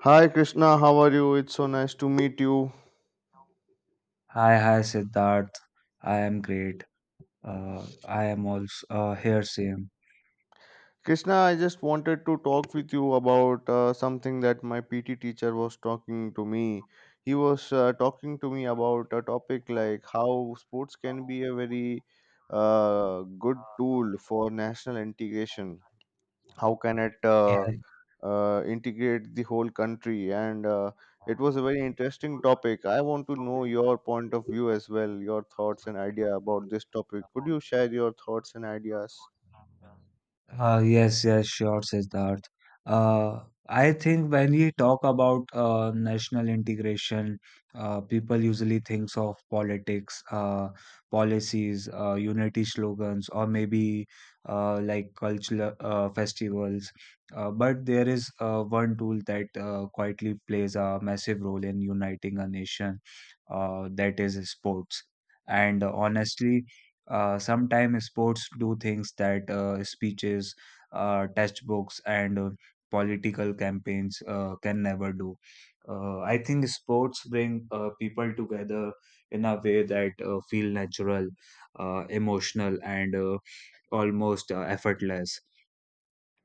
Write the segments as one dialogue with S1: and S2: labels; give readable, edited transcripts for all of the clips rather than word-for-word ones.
S1: Hi Krishna, how are you? It's so nice to meet you.
S2: Hi, hi, Siddharth. I am great. I am also here, same.
S1: Krishna, I just wanted to talk with you about something that my PT teacher was talking to me. He was talking to me about a topic like how sports can be a very good tool for national integration. How can it
S2: Yeah.
S1: integrate the whole country, and it was a very interesting topic. I want to know your point of view as well, your thoughts and idea about this topic. Could you share your thoughts and ideas?
S2: Yes, yes, sure, Siddharth. I think when we talk about national integration, people usually thinks of politics, policies, unity slogans, or maybe like cultural festivals. But there is one tool that quietly plays a massive role in uniting a nation, that is sports. And honestly, sometimes sports do things that speeches, textbooks, and political campaigns can never do. I think sports bring people together in a way that feel natural, emotional, and almost effortless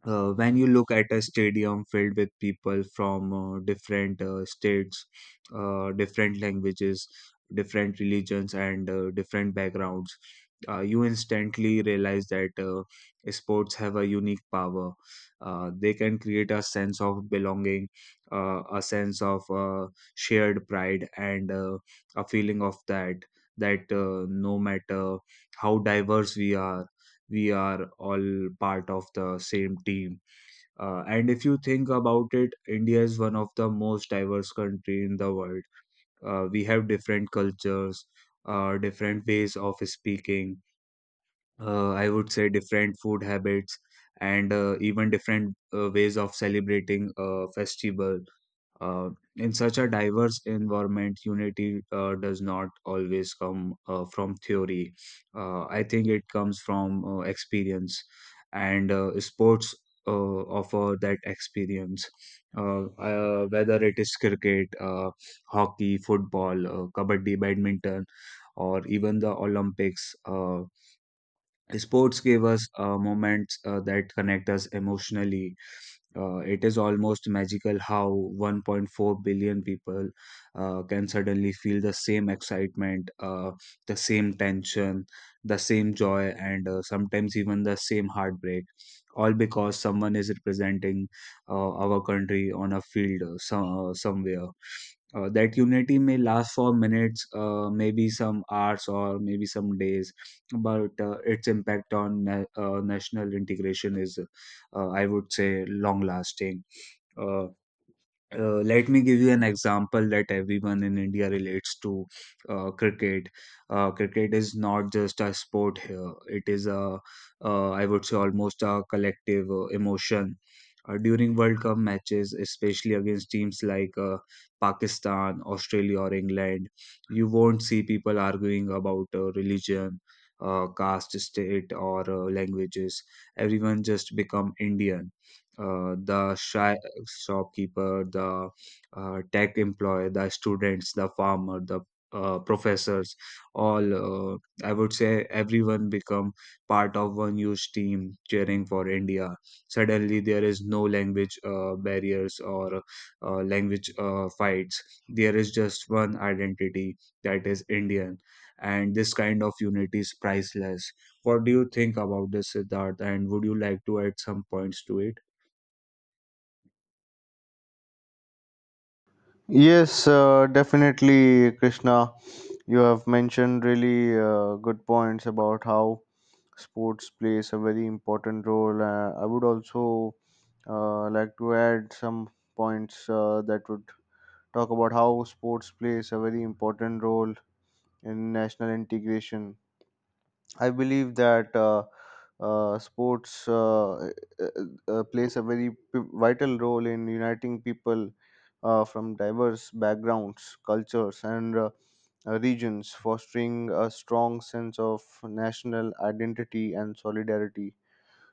S2: when you look at a stadium filled with people from different states, different languages, different religions, and different backgrounds, you instantly realize that sports have a unique power. They can create a sense of belonging, a sense of shared pride, and a feeling of that no matter how diverse we are all part of the same team. And if you think about it, India is one of the most diverse country in the world. We have different cultures, different ways of speaking. I would say different food habits and even different ways of celebrating a festival. Uh, in such a diverse environment, unity does not always come from theory. I think it comes from experience, and sports offer that experience. Whether it is cricket, hockey, football, kabaddi, badminton, or even the Olympics, sports give us moments that connect us emotionally. It is almost magical how 1.4 billion people can suddenly feel the same excitement, the same tension, the same joy, and sometimes even the same heartbreak, all because someone is representing our country on a field somewhere. That unity may last for minutes, maybe some hours, or maybe some days, but its impact on national integration is I would say long lasting. Uh, Let me give you an example that everyone in India relates to, cricket. Cricket is not just a sport here, it is a, I would say, almost a collective emotion. During World Cup matches, especially against teams like Pakistan, Australia, or England, you won't see people arguing about religion, caste, state, or languages. Everyone just become Indian, the shy shopkeeper, the tech employee, the students, the farmer, the professors, all, I would say everyone become part of one huge team cheering for India. Suddenly, there is no language barriers or language fights. There is just one identity that is Indian, and this kind of unity is priceless. What do you think about this, Siddharth? And would you like to add some points to it?
S1: Yes, definitely, Krishna, you have mentioned really good points about how sports plays a very important role. I would also like to add some points that would talk about how sports plays a very important role in national integration. I believe that sports uh, plays a very vital role in uniting people from diverse backgrounds, cultures, and regions, fostering a strong sense of national identity and solidarity.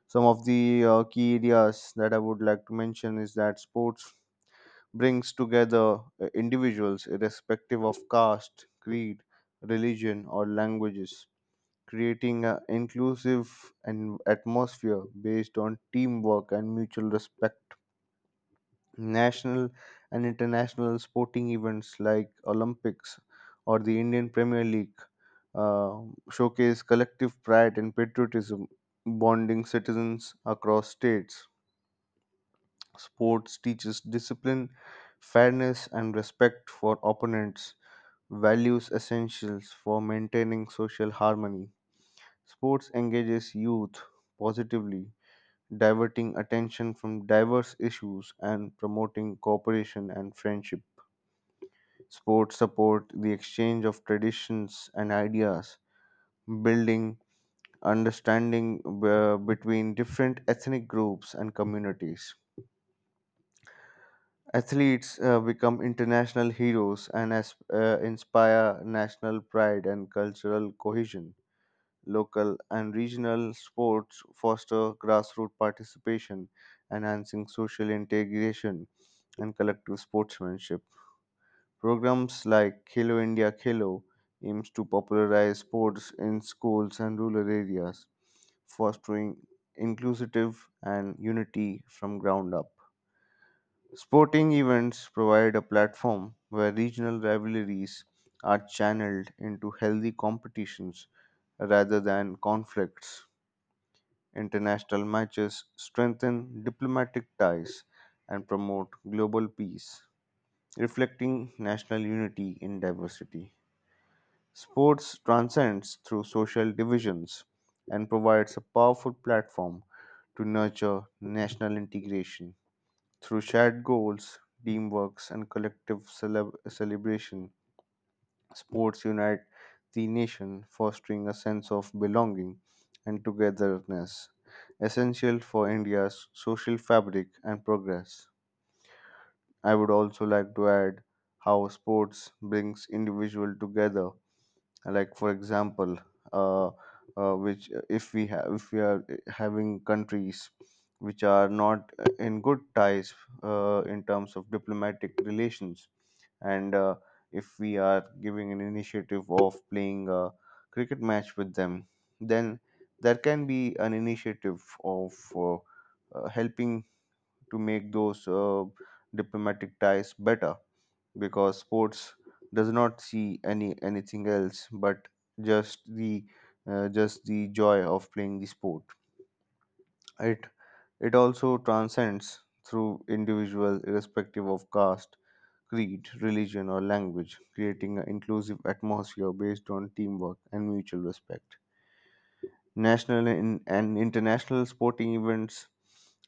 S1: Some of the key areas that I would like to mention is that sports brings together individuals irrespective of caste, creed, religion, or languages, creating an inclusive and atmosphere based on teamwork and mutual respect. National and international sporting events like Olympics or the Indian Premier League uh, showcase collective pride and patriotism, bonding citizens across states. Sports teaches discipline, fairness, and respect for opponents, values essentials for maintaining social harmony. Sports engages youth positively, diverting attention from diverse issues and promoting cooperation and friendship. Sports support the exchange of traditions and ideas, building understanding between different ethnic groups and communities. Athletes become international heroes and as, inspire national pride and cultural cohesion. Local and regional sports foster grassroots participation, enhancing social integration and collective sportsmanship. Programs like Khelo India Khelo aims to popularize sports in schools and rural areas, fostering inclusive and unity from ground up. Sporting events provide a platform where regional rivalries are channeled into healthy competitions rather than conflicts. International matches strengthen diplomatic ties and promote global peace, reflecting national unity in diversity. Sports transcends through social divisions and provides a powerful platform to nurture national integration. Through shared goals, teamwork, and collective celebration, sports unite the nation, fostering a sense of belonging and togetherness, essential for India's social fabric and progress. I would also like to add how sports brings individuals together, like for example, uh, which if we have if we are having countries which are not in good ties in terms of diplomatic relations, and if we are giving an initiative of playing a cricket match with them, then there can be an initiative of helping to make those diplomatic ties better, because sports does not see any anything else but just the just the joy of playing the sport. it it also transcends through individual irrespective of caste, creed, religion, or language, creating an inclusive atmosphere based on teamwork and mutual respect. National and international sporting events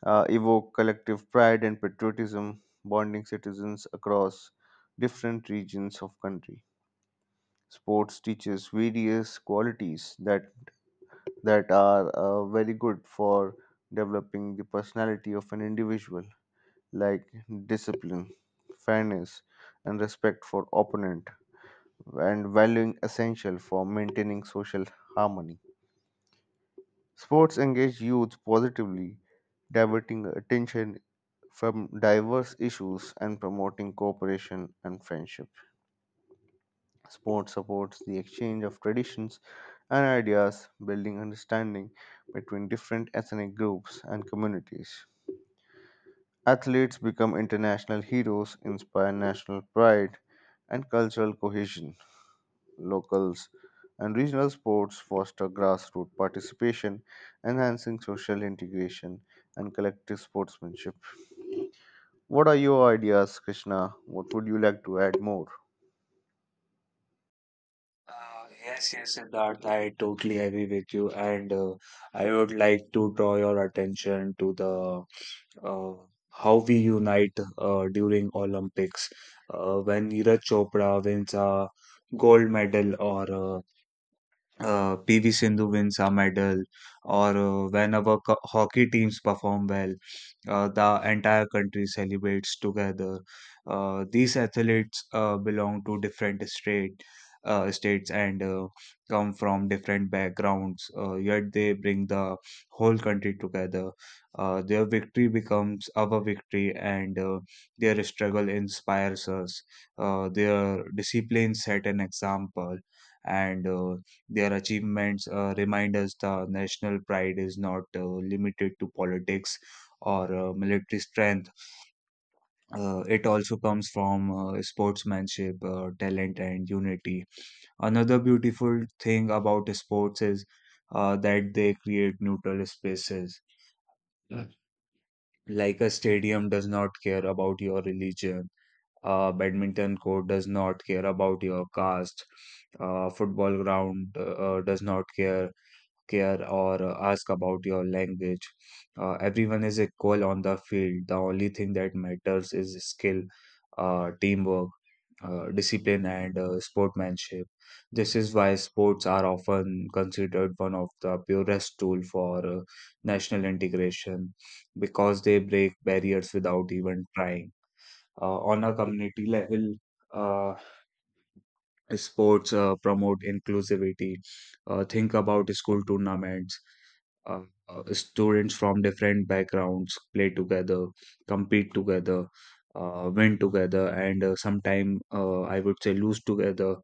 S1: evoke collective pride and patriotism, bonding citizens across different regions of country. Sports teaches various qualities that that are very good for developing the personality of an individual, like discipline, fairness, and respect for opponent, and valuing essential for maintaining social harmony. Sports engage youth positively, diverting attention from diverse issues and promoting cooperation and friendship. Sport supports the exchange of traditions and ideas, building understanding between different ethnic groups and communities. Athletes become international heroes, inspire national pride and cultural cohesion. Locals and regional sports foster grassroots participation, enhancing social integration and collective sportsmanship. What are your ideas, Krishna? What would you like to add more?
S2: Yes, yes, Siddharth, I totally agree with you, and I would like to draw your attention to the, uh, how we unite during Olympics. When Neeraj Chopra wins a gold medal or PV Sindhu wins a medal, or when our hockey teams perform well, the entire country celebrates together. These athletes belong to different states and come from different backgrounds, yet they bring the whole country together. Their victory becomes our victory, and their struggle inspires us. Their discipline set an example and their achievements remind us the national pride is not limited to politics or military strength. It also comes from sportsmanship, talent, and unity. Another beautiful thing about sports is that they create neutral spaces. Mm. Like a stadium does not care about your religion, a badminton court does not care about your caste, football ground does not care or ask about your language. Everyone is equal on the field. The only thing that matters is skill, teamwork, discipline, and sportsmanship. This is why sports are often considered one of the purest tool for national integration because they break barriers without even trying. On a community level, uh, sports promote inclusivity. Think about school tournaments, uh, students from different backgrounds play together, compete together, win together, and sometime, I would say lose together.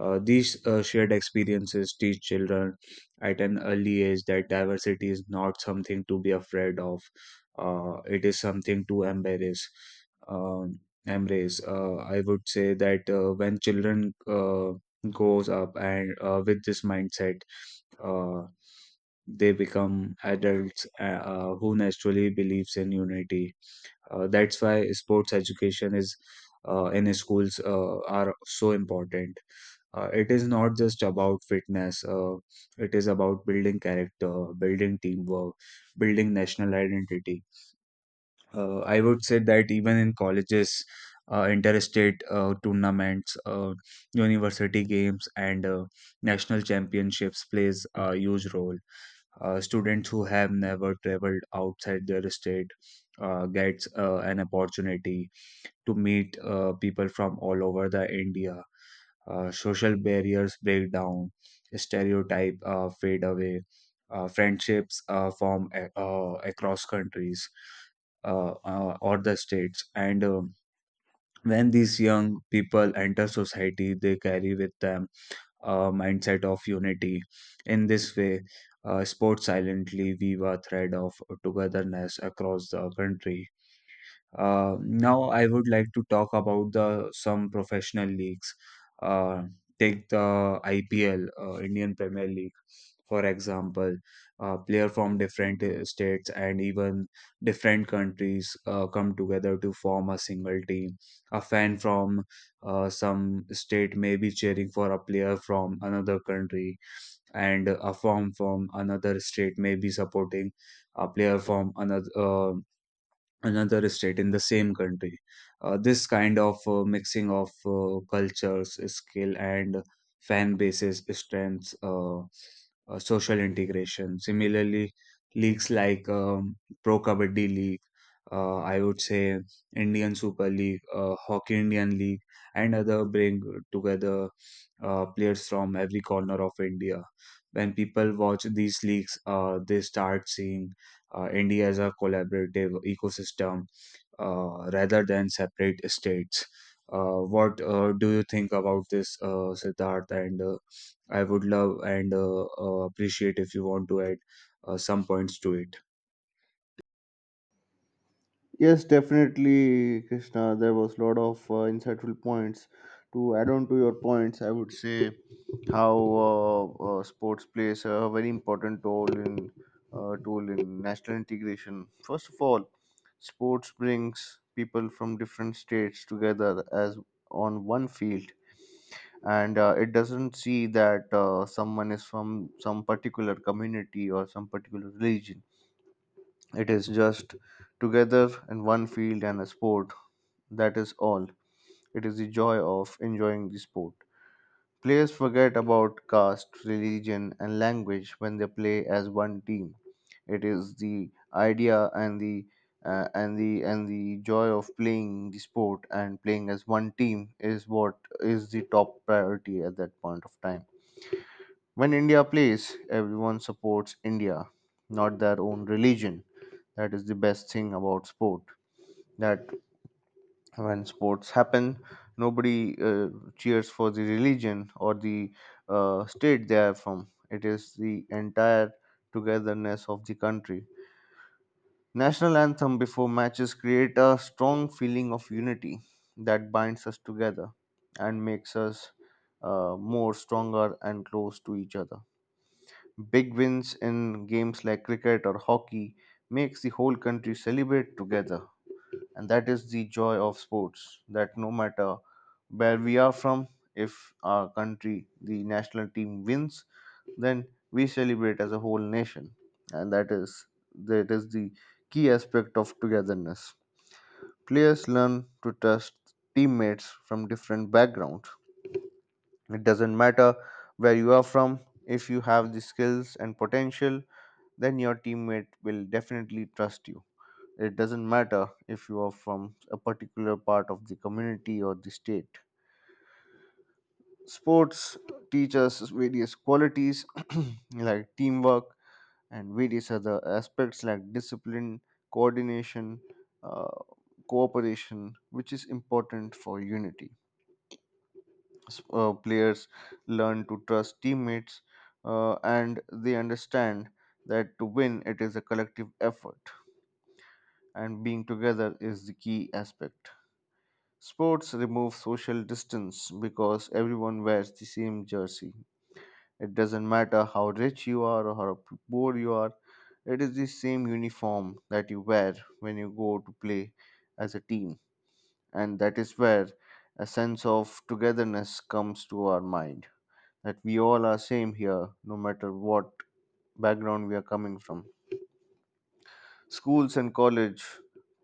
S2: These shared experiences teach children at an early age that diversity is not something to be afraid of. It is something to embrace. I would say that when children goes up and with this mindset, uh, they become adults who naturally believes in unity. That's why sports education is, in schools, are so important. It is not just about fitness, it is about building character, building teamwork, building national identity. I would say that even in colleges, interstate tournaments, university games, and national championships plays a huge role. Students who have never traveled outside their state gets an opportunity to meet people from all over the India. Social barriers break down, stereotype fade away, friendships form across countries or the states, and when these young people enter society they carry with them mindset of unity. In this way, sports silently weave a thread of togetherness across the country. Now, I would like to talk about the some professional leagues. Uh, Take the IPL, Indian Premier League, for example. Player from different states and even different countries come together to form a single team. A fan from some state may be cheering for a player from another country, and a fan from another state may be supporting a player from another state in the same country. This kind of mixing of cultures, skill, and fan bases strengths, social integration. Similarly, leagues like Pro Kabaddi League, I would say Indian Super League, Hockey Indian League, and other bring together players from every corner of India. When people watch these leagues, they start seeing India as a collaborative ecosystem rather than separate states. What do you think about this, Siddharth? And I would love and appreciate if you want to add some points to it.
S1: Yes, definitely, Krishna. There was a lot of insightful points. To add on to your points, I would say how sports plays a very important role in tool in national integration. First of all, sports brings people from different states together as on one field, and it doesn't see that someone is from some particular community or some particular religion. It is just together in one field and a sport, that is all. It is the joy of enjoying the sport. Players forget about caste, religion, and language when they play as one team. It is the idea and the and the and the joy of playing the sport and playing as one team is what is the top priority at that point of time. When India plays, everyone supports India, not their own religion. That is the best thing about sport. That when sports happen, nobody cheers for the religion or the state they are from. It is the entire togetherness of the country. National anthem before matches create a strong feeling of unity that binds us together and makes us more stronger and close to each other. Big wins in games like cricket or hockey makes the whole country celebrate together, and that is the joy of sports, that no matter where we are from, if our country, the national team wins, then we celebrate as a whole nation. And that is the key aspect of togetherness. Players learn to trust teammates from different backgrounds. It doesn't matter where you are from, if you have the skills and potential, then your teammate will definitely trust you. It doesn't matter if you are from a particular part of the community or the state. Sports teach us various qualities like teamwork, and various other aspects like discipline, coordination, uh, cooperation, which is important for unity. Players learn to trust teammates, and they understand that to win it is a collective effort and being together is the key aspect. Sports remove social distance because everyone wears the same jersey. It doesn't matter how rich you are or how poor you are, it is the same uniform that you wear when you go to play as a team. And that is where a sense of togetherness comes to our mind, that we all are same here, no matter what background we are coming from. Schools and college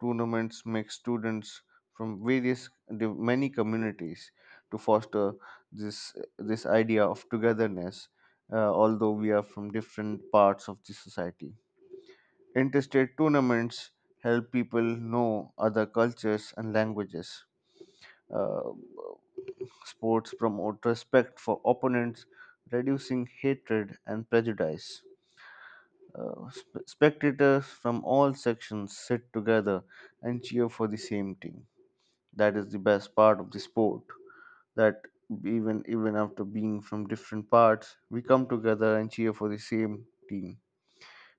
S1: tournaments make students from various many communities to foster this this idea of togetherness, although we are from different parts of the society. Interstate tournaments help people know other cultures and languages. uh, Sports promote respect for opponents, reducing hatred and prejudice. Spectators from all sections sit together and cheer for the same team. That is the best part of the sport. That even after being from different parts, we come together and cheer for the same team.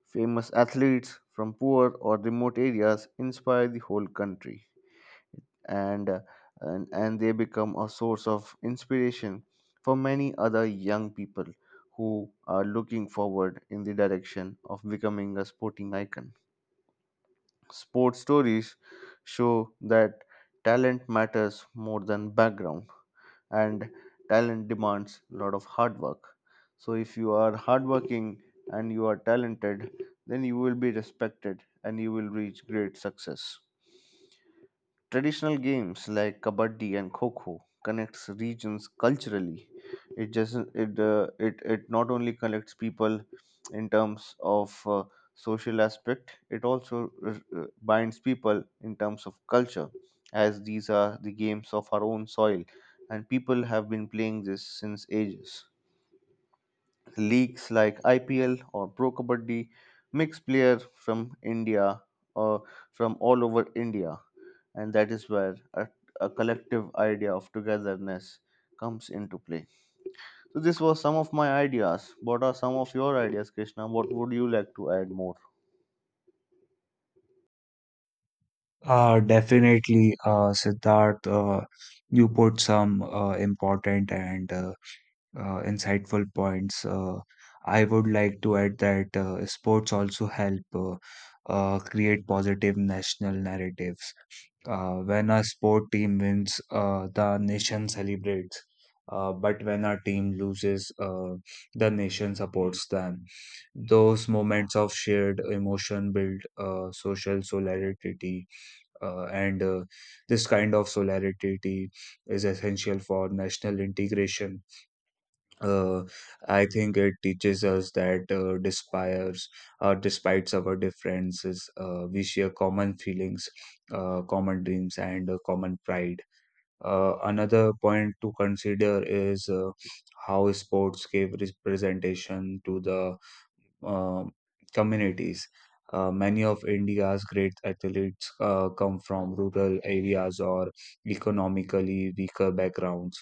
S1: Famous athletes from poor or remote areas inspire the whole country, and and they become a source of inspiration for many other young people who are looking forward in the direction of becoming a sporting icon. Sports stories show that talent matters more than background, and talent demands a lot of hard work. So, if you are hardworking and you are talented, then you will be respected and you will reach great success. Traditional games like kabaddi and kho kho connects regions culturally. It just it not only connects people in terms of social aspect. It also uh, binds people in terms of culture, as these are the games of our own soil, and people have been playing this since ages. Leagues like IPL or Pro Kabaddi mix players from India or from all over India, and that is where a collective idea of togetherness comes into play. So, this was some of my ideas. What are some of your ideas, Krishna? What would you like to add more?
S2: Definitely, Siddharth, you put some important and insightful points. I would like to add that sports also help create positive national narratives. When a sport team wins, the nation celebrates. But when a team loses, the nation supports them. Those moments of shared emotion build social solidarity, and this kind of solidarity is essential for national integration. uh, I think it teaches us that, despite our differences, we share common feelings, common dreams, and common pride. Another point to consider is, how sports gave representation to the, uh, communities. Many of India's great athletes come from rural areas or economically weaker backgrounds.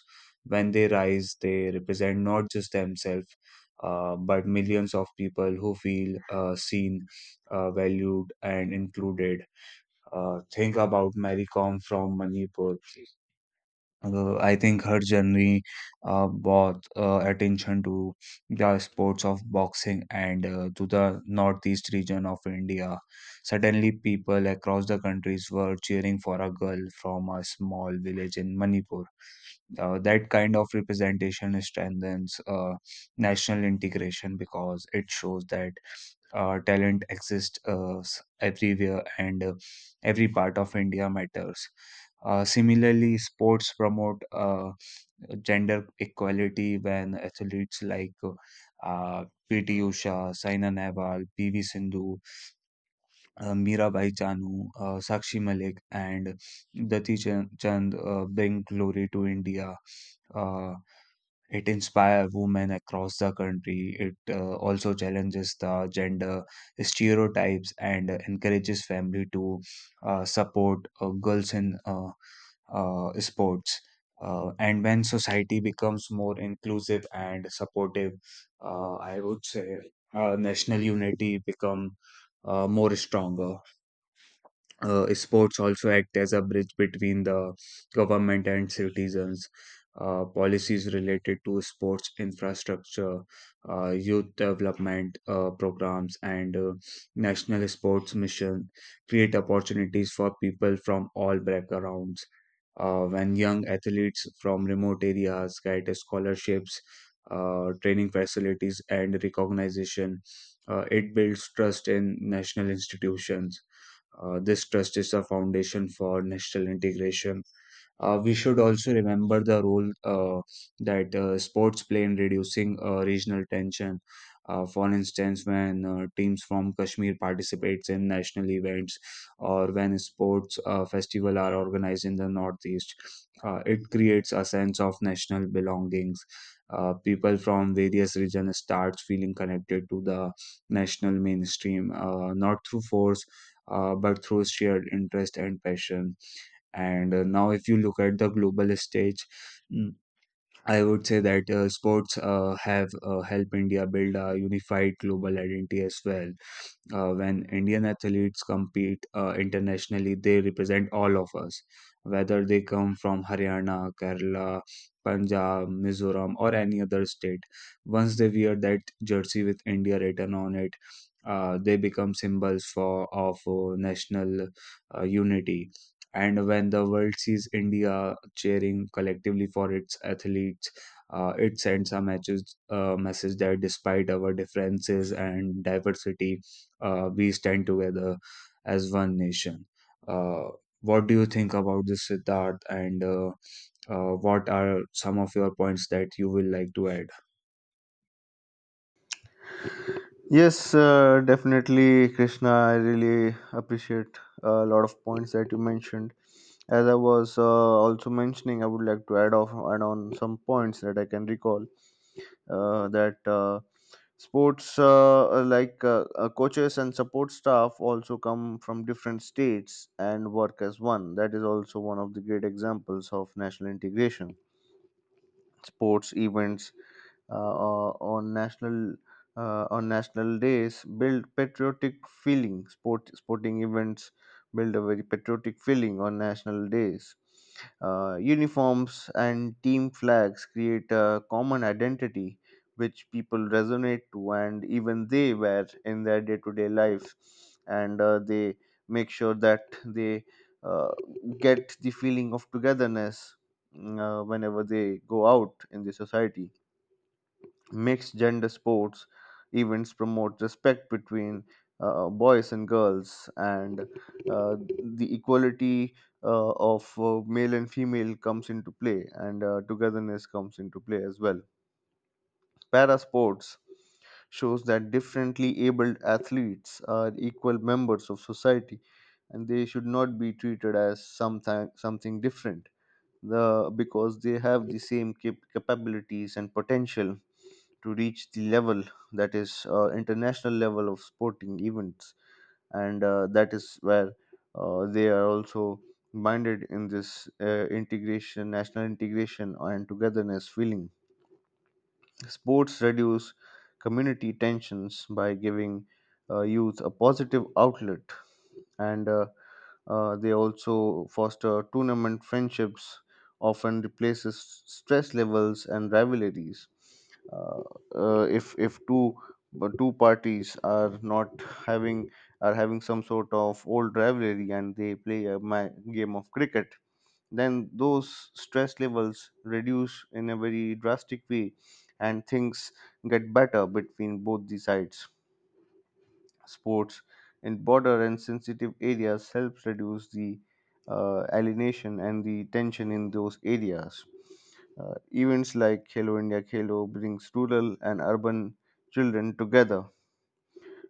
S2: When they rise, they represent not just themselves, but millions of people who feel seen, valued, and included. Think about Mary Kom from Manipur. I think her journey brought attention to the sports of boxing and to the northeast region of India. Suddenly, people across the countries were cheering for a girl from a small village in Manipur. That kind of representation strengthens national integration because it shows that talent exists everywhere, and every part of India matters. Similarly, sports promote gender equality, when athletes like uh, PT Usha, Saina Nehwal, PV Sindhu, Mirabai Chanu, Sakshi Malik, and dati Chand bring glory to India. Uh, it inspires women across the country. It also challenges the gender stereotypes and encourages family to support girls in sports. And when society becomes more inclusive and supportive, I would say national unity become more stronger. Sports also act as a bridge between the government and citizens. Policies related to sports infrastructure, youth development programs, and national sports mission create opportunities for people from all backgrounds. When young athletes from remote areas get scholarships, training facilities, and recognition, it builds trust in national institutions. This trust is a foundation for national integration. We should also remember the role that sports play in reducing regional tension. For instance, when teams from Kashmir participates in national events, or when sports festival are organized in the Northeast, it creates a sense of national belongings. People from various regions start feeling connected to the national mainstream, not through force, but through shared interest and passion. And now, if you look at the global stage, mm, I would say that sports have helped India build a unified global identity as well. When Indian athletes compete internationally, they represent all of us, whether they come from Haryana, Kerala, Punjab, Mizoram, or any other state. Once they wear that jersey with India written on it, they become symbols for of national unity. And when the world sees India cheering collectively for its athletes, it sends a message, message that despite our differences and diversity, we stand together as one nation. Uh, what do you think about this, Siddharth? And what are some of your points that you will like to add?
S1: Yes, definitely, Krishna. I really appreciate a lot of points that you mentioned. As I was also mentioning, I would like to add on some points that I can recall. That Sports, like coaches and support staff, also come from different states and work as one. That is also one of the great examples of national integration. Sports events uh, o- on national on national days build patriotic feeling. Sporting events build a very patriotic feeling on national days. Uniforms and team flags create a common identity which people resonate to, and even they wear in their day-to-day lives, and they make sure that they uh, get the feeling of togetherness whenever they go out in the society. Mixed gender sports events promote respect between boys and girls, and uh, the equality of male and female comes into play, and togetherness comes into play as well. Para sports shows that differently abled athletes are equal members of society and they should not be treated as something different the because they have the same capabilities and potential to reach the level, that is international level of sporting events. And that is where they are also minded in this integration, national integration and togetherness feeling. Sports reduce community tensions by giving youth a positive outlet, and they also foster tournament friendships, often replaces stress levels and rivalries. Uh, if two two parties are not having are having some sort of old rivalry and they play a game of cricket, then those stress levels reduce in a very drastic way, and things get better between both the sides. Sports in border and sensitive areas helps reduce the alienation and the tension in those areas. Events like Hello India Khelo brings rural and urban children together,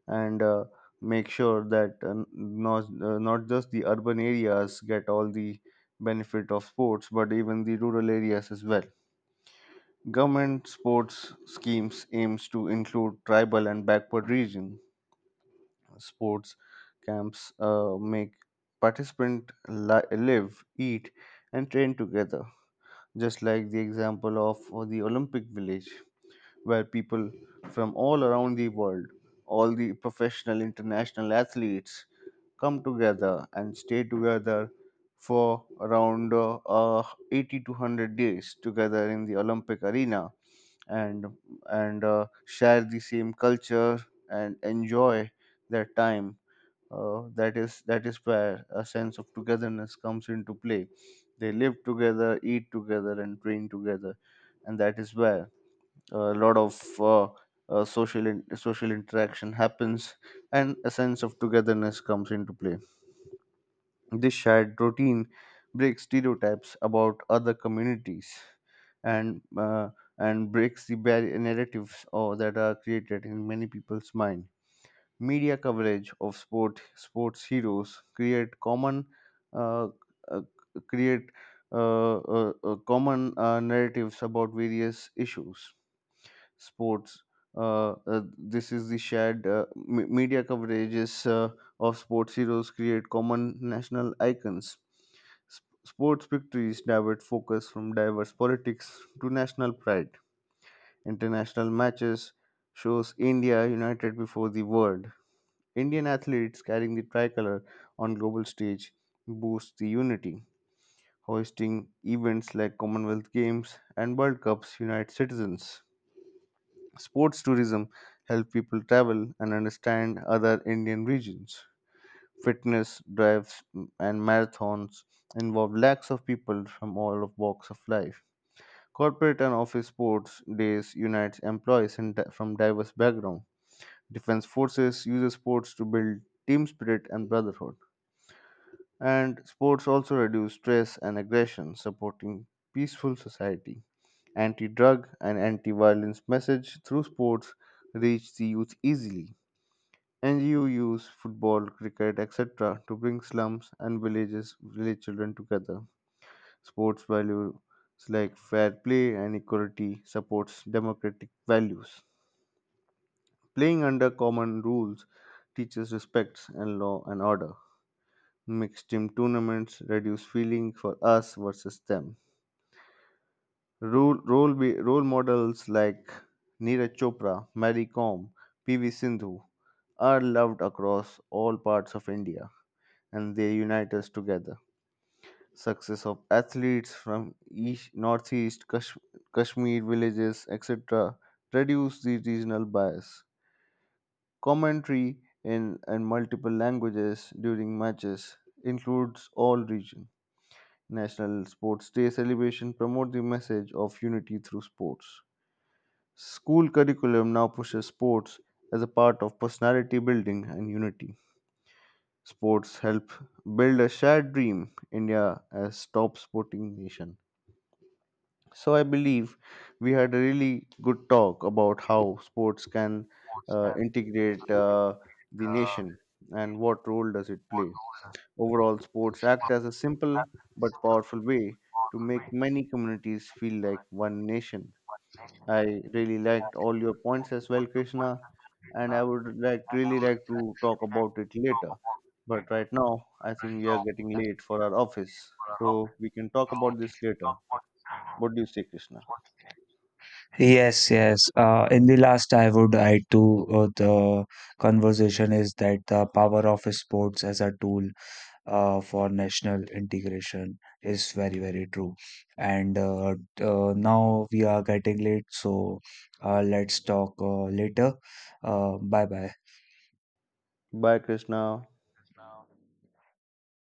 S1: and make sure that not, not just the urban areas get all the benefit of sports, but even the rural areas as well. Government sports schemes aims to include tribal and backward region sports camps. Make participant live, eat and train together, just like the example of the olympic village, where people from all around the world, all the professional international athletes come together and stay together for around 80 to 100 days together in the olympic arena, and share the same culture and enjoy their time. That is where a sense of togetherness comes into play. They live together, eat together and train together, and that is where a lot of social social interaction happens, and a sense of togetherness comes into play. This shared routine breaks stereotypes about other communities, and breaks the barrier narratives or that are created in many people's mind. Media coverage of sports heroes uh, uh, create common narratives about various issues, sports. This is the shared media coverages of sports heroes create common national icons. Sports victories divert focus from diverse politics to national pride. International matches shows India united before the world. Indian athletes carrying the tricolor on global stage boosts the unity. Hosting events like Commonwealth Games and World Cups unite citizens. Sports tourism help people travel and understand other Indian regions. Fitness drives and marathons involve lakhs of people from all walks of life. Corporate and office sports days unite employees from diverse backgrounds. Defense forces uses sports to build team spirit and brotherhood. And sports also reduce stress and aggression, supporting peaceful society. Anti-drug and anti-violence message through sports reach the youth easily. And you use football, cricket, etc. to bring slums and villages, village children together. Sports values like fair play and equality supports democratic values. Playing under common rules teaches respect and law and order. Mixed team tournaments reduce feeling for us versus them. Role models like Neeraj Chopra, Mary Kom, PV Sindhu are loved across all parts of India, and they unite us together. Success of athletes from east, northeast, Kashmir villages, etc., reduce the regional bias. Commentary in multiple languages during matches includes all regions. National Sports Day celebration promote the message of unity through sports. School curriculum now pushes sports as a part of personality building and unity. Sports help build a shared dream, India as top sporting nation. So I believe we had a really good talk about how sports can integrate the nation and what role does it play. Overall, sports act as a simple but powerful way to make many communities feel like one nation. I really liked all your points as well, Krishna, and I would really like to talk about it later. But right now, I think we are getting late for our office, so we can talk about this later. What do you say, Krishna?
S2: Yes, yes. In the last, I would add to the conversation is that the power of sports as a tool for national integration is very, very true. And now we are getting late, so let's talk later. Bye bye.
S1: Bye, Krishna.